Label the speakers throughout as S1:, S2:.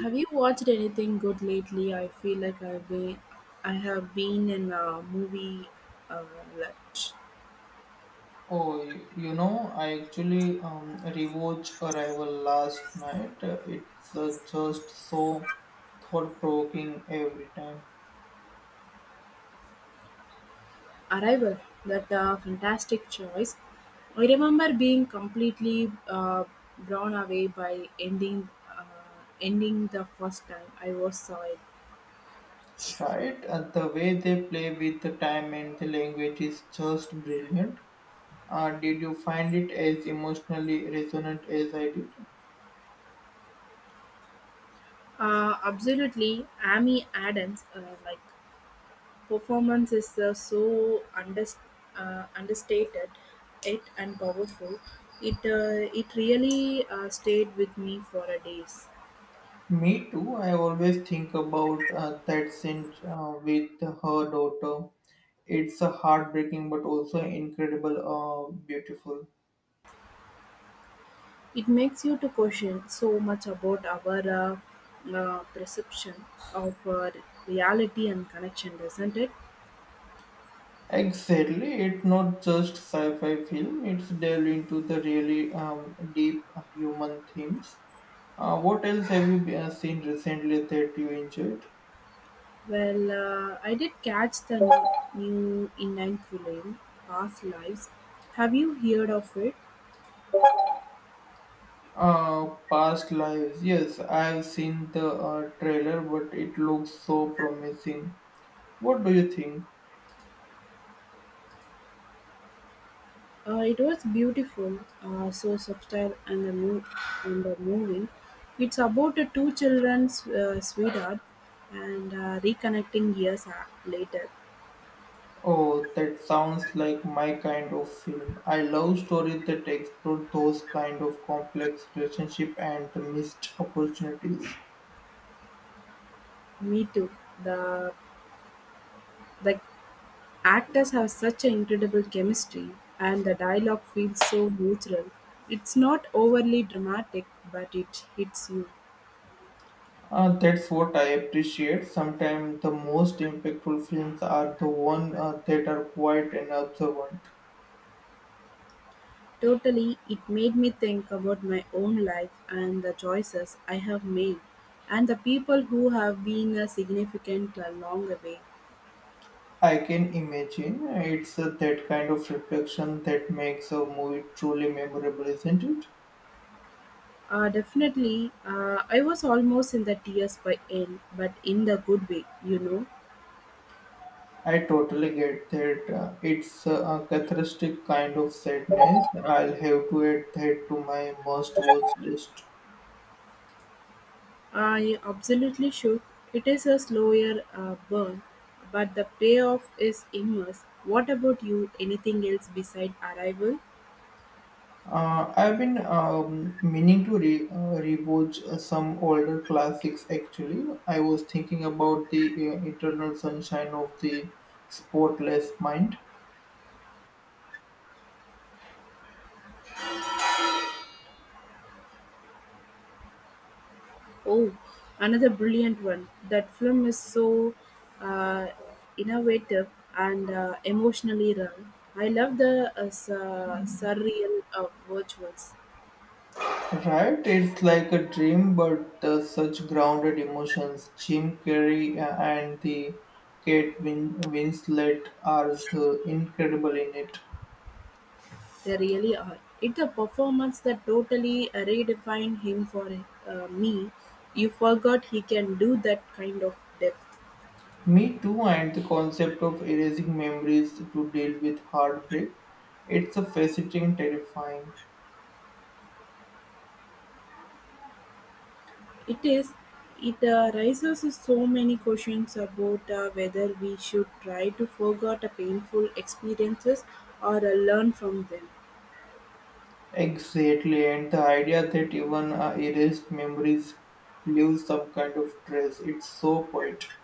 S1: Have you watched anything good lately? I feel like I've been, I have been in a movie uh, like
S2: Oh, I actually rewatched Arrival last night. It's just so thought-provoking every time,
S1: Arrival, that fantastic choice. I remember being completely blown away by ending, uh, ending the first time I was saw it.
S2: right? The way they play with the time and the language is just brilliant. Did you find it as emotionally resonant as I did?
S1: Absolutely, Amy Adams, like performance is so understated, it and powerful. It it really stayed with me for a days.
S2: Me too. I always think about that scene with her daughter. It's heartbreaking, but also incredible, beautiful.
S1: It makes you to question so much about our perception of reality and connection, doesn't it?
S2: Exactly, it's not just sci-fi film. It's delve into the really deep human themes. What else have you seen recently that you enjoyed?
S1: Well, I did catch the new in nine film past lives. Have you heard of it?
S2: Uh, Past lives. Yes, I've seen the trailer, but it looks so promising. What do you think?
S1: It was beautiful, so subtle and and the moving. It's about the two children's sweetheart and reconnecting years later.
S2: Oh, that sounds like my kind of film. I love stories that explore those kind of complex relationship and the missed opportunities.
S1: Me too. The the actors have such an incredible chemistry, and the dialogue feels so neutral. It's not overly dramatic, but it hits you.
S2: That's what I appreciate. Sometimes the most impactful films are the ones that are quiet and observant.
S1: Totally, it made me think about my own life and the choices I have made, and the people who have been significant along the way.
S2: I can imagine it's that kind of reflection that makes a movie truly memorable, isn't it?
S1: Definitely, I was almost in the tears by end, but in the good way, you know.
S2: I totally get that. It's a cathartic kind of sadness. I'll have to add that to my must-watch list.
S1: I absolutely should. It is a slower burn, but the payoff is immense. What about you? Anything else beside arrival?
S2: I've been meaning to rewatch some older classics actually. I was thinking about the Eternal Sunshine of the Spotless Mind.
S1: Oh, another brilliant one. That film is so uh, innovative and emotionally run. I love the surreal virtuals.
S2: Right? It's like a dream, but such grounded emotions. Jim Carrey and the Winslet are the incredible in it.
S1: They really are. It's a performance that totally redefined him for me. You forgot he can do that kind of depth.
S2: Me too, and the concept of erasing memories to deal with heartbreak. It's a fascinating, terrifying.
S1: It is. It raises so many questions about whether we should try to forget a painful experiences or learn from them.
S2: Exactly, and the idea that even erased memories leave some kind of trace. It's so poetic.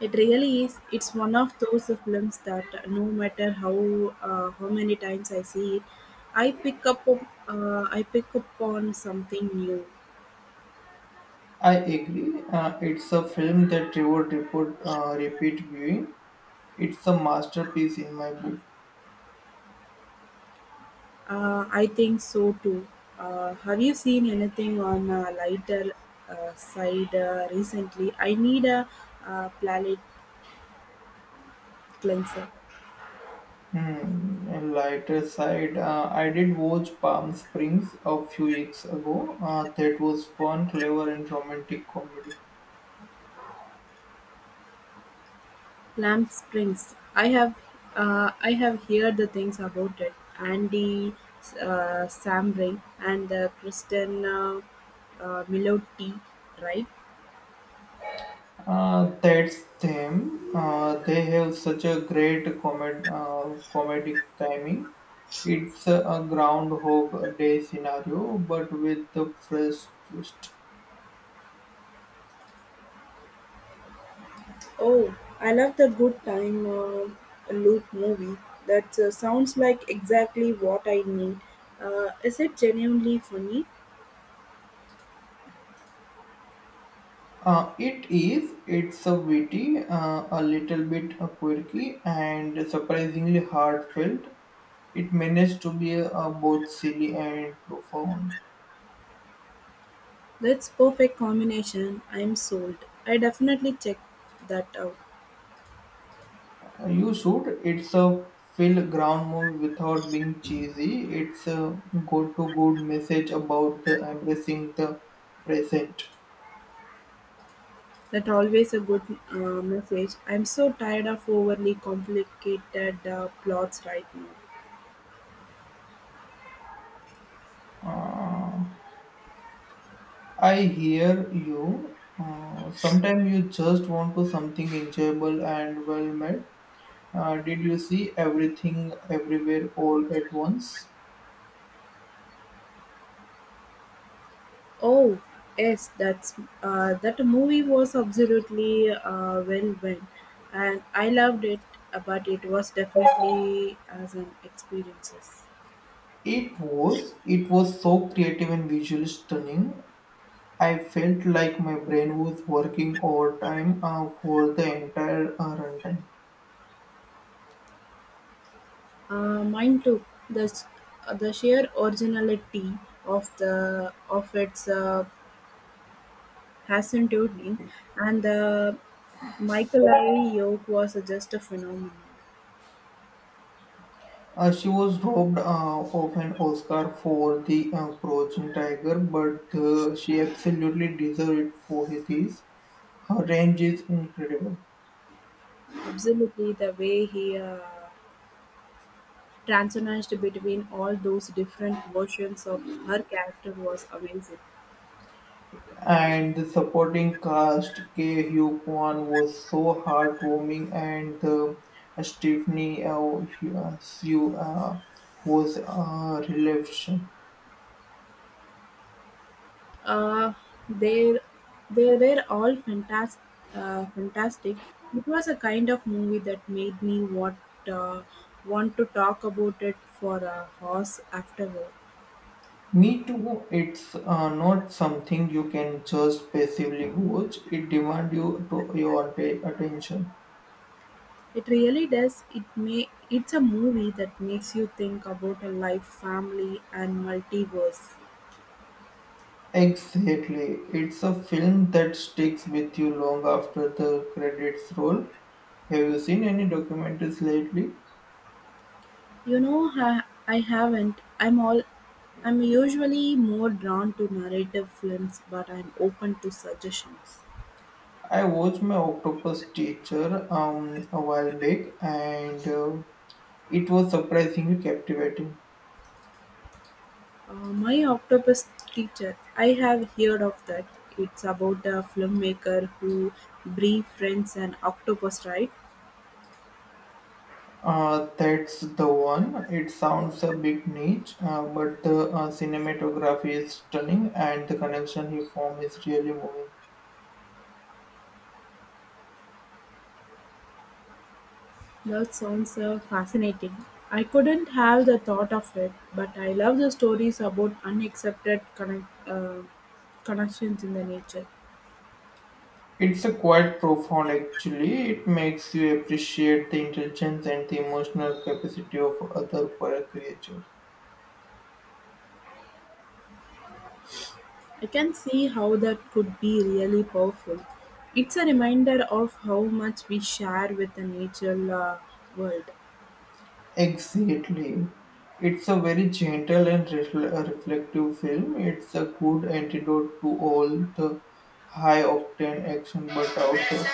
S1: It really is. It's one of those films that no matter how many times I see it, I pick up on- I pick up on something new.
S2: I agree. It's a film that reward report repeat viewing. It's a masterpiece in my book.
S1: I think so too. Have you seen anything on a lighter side recently? I need a palate cleanser.
S2: Hmm. And lighter side, I did watch Palm Springs a few weeks ago. That was fun, clever, and romantic comedy.
S1: Lamp Springs. I have heard the things about it. Andy Samberg and Kristen Milotti, right?
S2: That's them. They have such a great comedic timing. It's a Groundhog Day scenario, but with the fresh twist.
S1: Oh, I love the good time loop movie. That sounds like exactly what I need. Is it genuinely funny?
S2: It is. It's a witty, a little bit quirky, and surprisingly heartfelt. It managed to be both silly and profound.
S1: That's perfect combination. I'm sold. I definitely check that out.
S2: You should. It's a fill ground movie without being cheesy. It's a good to good message about the embracing the present.
S1: That always a good uh, message. I'm so tired of overly complicated plots right now.
S2: Uh, I hear you. Sometimes you just want to something enjoyable and well made. Did you see everything everywhere all at once?
S1: Oh, yes, that movie was absolutely well done, and I loved it. But it was definitely as an experiences.
S2: It was. It was so creative and visually stunning. I felt like my brain was working overtime for the entire runtime.
S1: Mine too. The sheer originality of its Hassan Turing and the Michael Yoke was just a phenomenon.
S2: She was robbed of an Oscar for The Crouching Tiger, but she absolutely deserved it for this. Her range is incredible.
S1: Absolutely, the way he transitioned between all those different versions of her character was amazing.
S2: And the supporting cast, K. Hugh Kwan was so heartwarming, and Stephanie Hsu was a revelation.
S1: Uh, they they were all fantastic. Fantastic. It was a kind of movie that made me what uh, want to talk about it for a horse afterward.
S2: Me too, it's not something you can just passively watch, it demands you to your attention.
S1: It really does. It may. It's a movie that makes you think about a life, family, and multiverse.
S2: Exactly, it's a film that sticks with you long after the credits roll. Have you seen any documentaries lately?
S1: You know I haven't. I'm usually more drawn to narrative films, but I'm open to suggestions.
S2: I watched my octopus teacher a while back and it was surprisingly captivating.
S1: Uh, my octopus teacher, I have heard of that. It's about a filmmaker who befriends an octopus, right?
S2: That's the one. It sounds a bit niche, but the cinematography is stunning and the connection he form is really moving.
S1: That sounds fascinating. I couldn't have the thought of it, but I love the stories about unaccepted connections in the nature.
S2: It's a quite profound actually. It makes you appreciate the intelligence and the emotional capacity of other poor creatures.
S1: I can see how that could be really powerful. It's a reminder of how much we share with the natural world.
S2: Exactly. It's a very gentle and reflective film. It's a good antidote to all the high octane action but out there.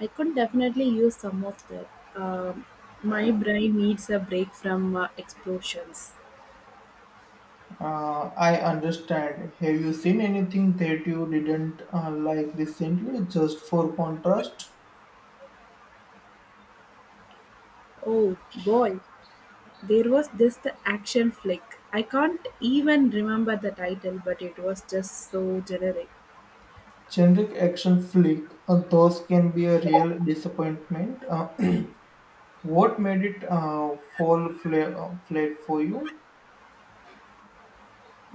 S1: I could definitely use some of that. Um my brain needs a break from explosions.
S2: I understand. Have you seen anything that you didn't like recently? Just for contrast,
S1: Oh boy, there was this the action flick. I can't even remember the title, but it was just so generic.
S2: generic action flick, those can be a real disappointment. What made it flat for you?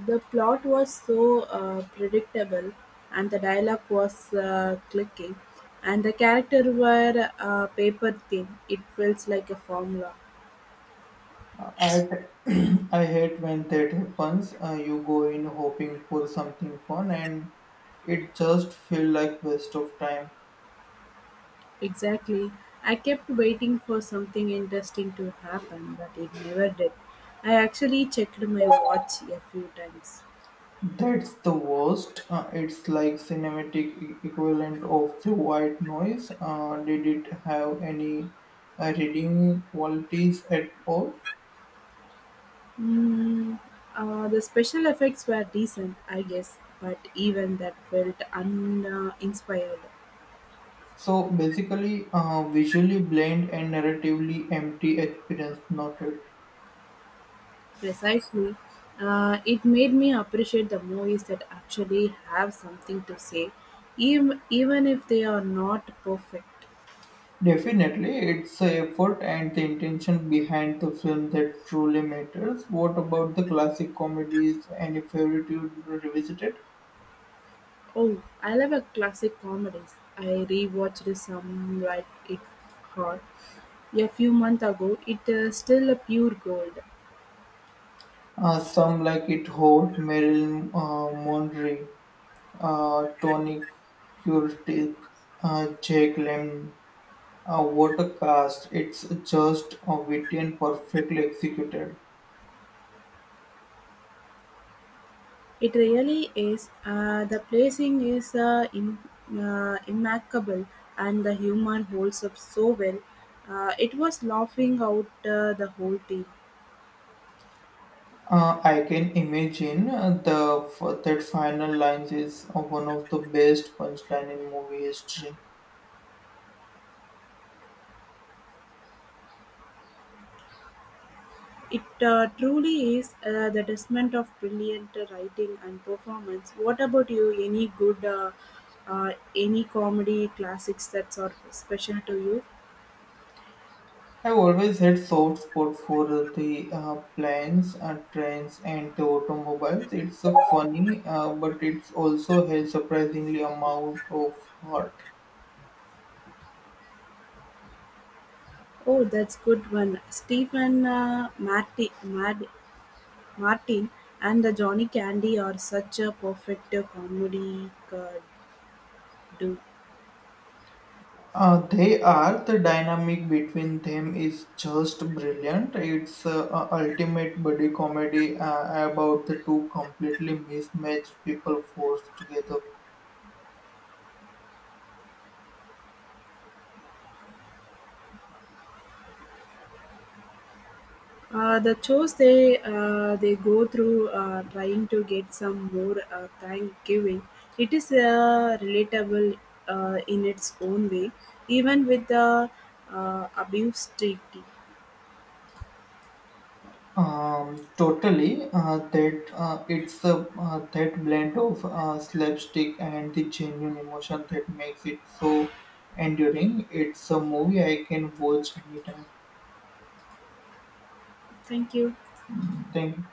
S1: The plot was so predictable, and the dialogue was clicking, and the characters were paper-thin. It felt like a formula.
S2: Uh, I, I hate when that happens. You go in hoping for something fun and it just feel like waste of time.
S1: Exactly. I kept waiting for something interesting to happen, but it never did. I actually checked my watch a few times.
S2: That's the worst. It's like cinematic equivalent of the white noise. Did it have any redeeming qualities at all?
S1: Mm, the special effects were decent, I guess, but even that felt uninspired. Inspired.
S2: So basically, visually bland and narratively empty experience noted.
S1: Precisely. It made me appreciate the movies that actually have something to say, even, even if they are not perfect.
S2: Definitely, it's the effort and the intention behind the film that truly matters. What about the classic comedies? Any favorite you revisited?
S1: Oh, I love a classic comedies. I rewatched some like it hard a few months ago. It is still a pure gold.
S2: Some like It Hot, Marilyn Monroe. Tony Curtis, Jake Lemmon. What a cast! It's just witty and perfectly executed.
S1: It really is. The placing is immaculate, and the humor holds up so well. It was laughing out the whole team.
S2: I can imagine the that final lines is one of the best punchline in movie history.
S1: It truly is the testament of brilliant writing and performance. What about you? Any good, any comedy classics that are special to you?
S2: I've always had soft spot for the planes, trains, and the automobiles. It's funny, but it's also has surprisingly amount of heart.
S1: Oh, that's good one. Stephen Martin and the Johnny Candy are such a perfect comedy duo.
S2: They are the dynamic between them is just brilliant. It's a ultimate buddy comedy about the two completely mismatched people forced together.
S1: The chores they go through trying to get some more Thanksgiving. It is relatable in its own way, even with the abuse treaty.
S2: Totally, that blend of slapstick and the genuine emotion that makes it so enduring. It's a movie I can watch anytime.
S1: Thank you.
S2: Thank you.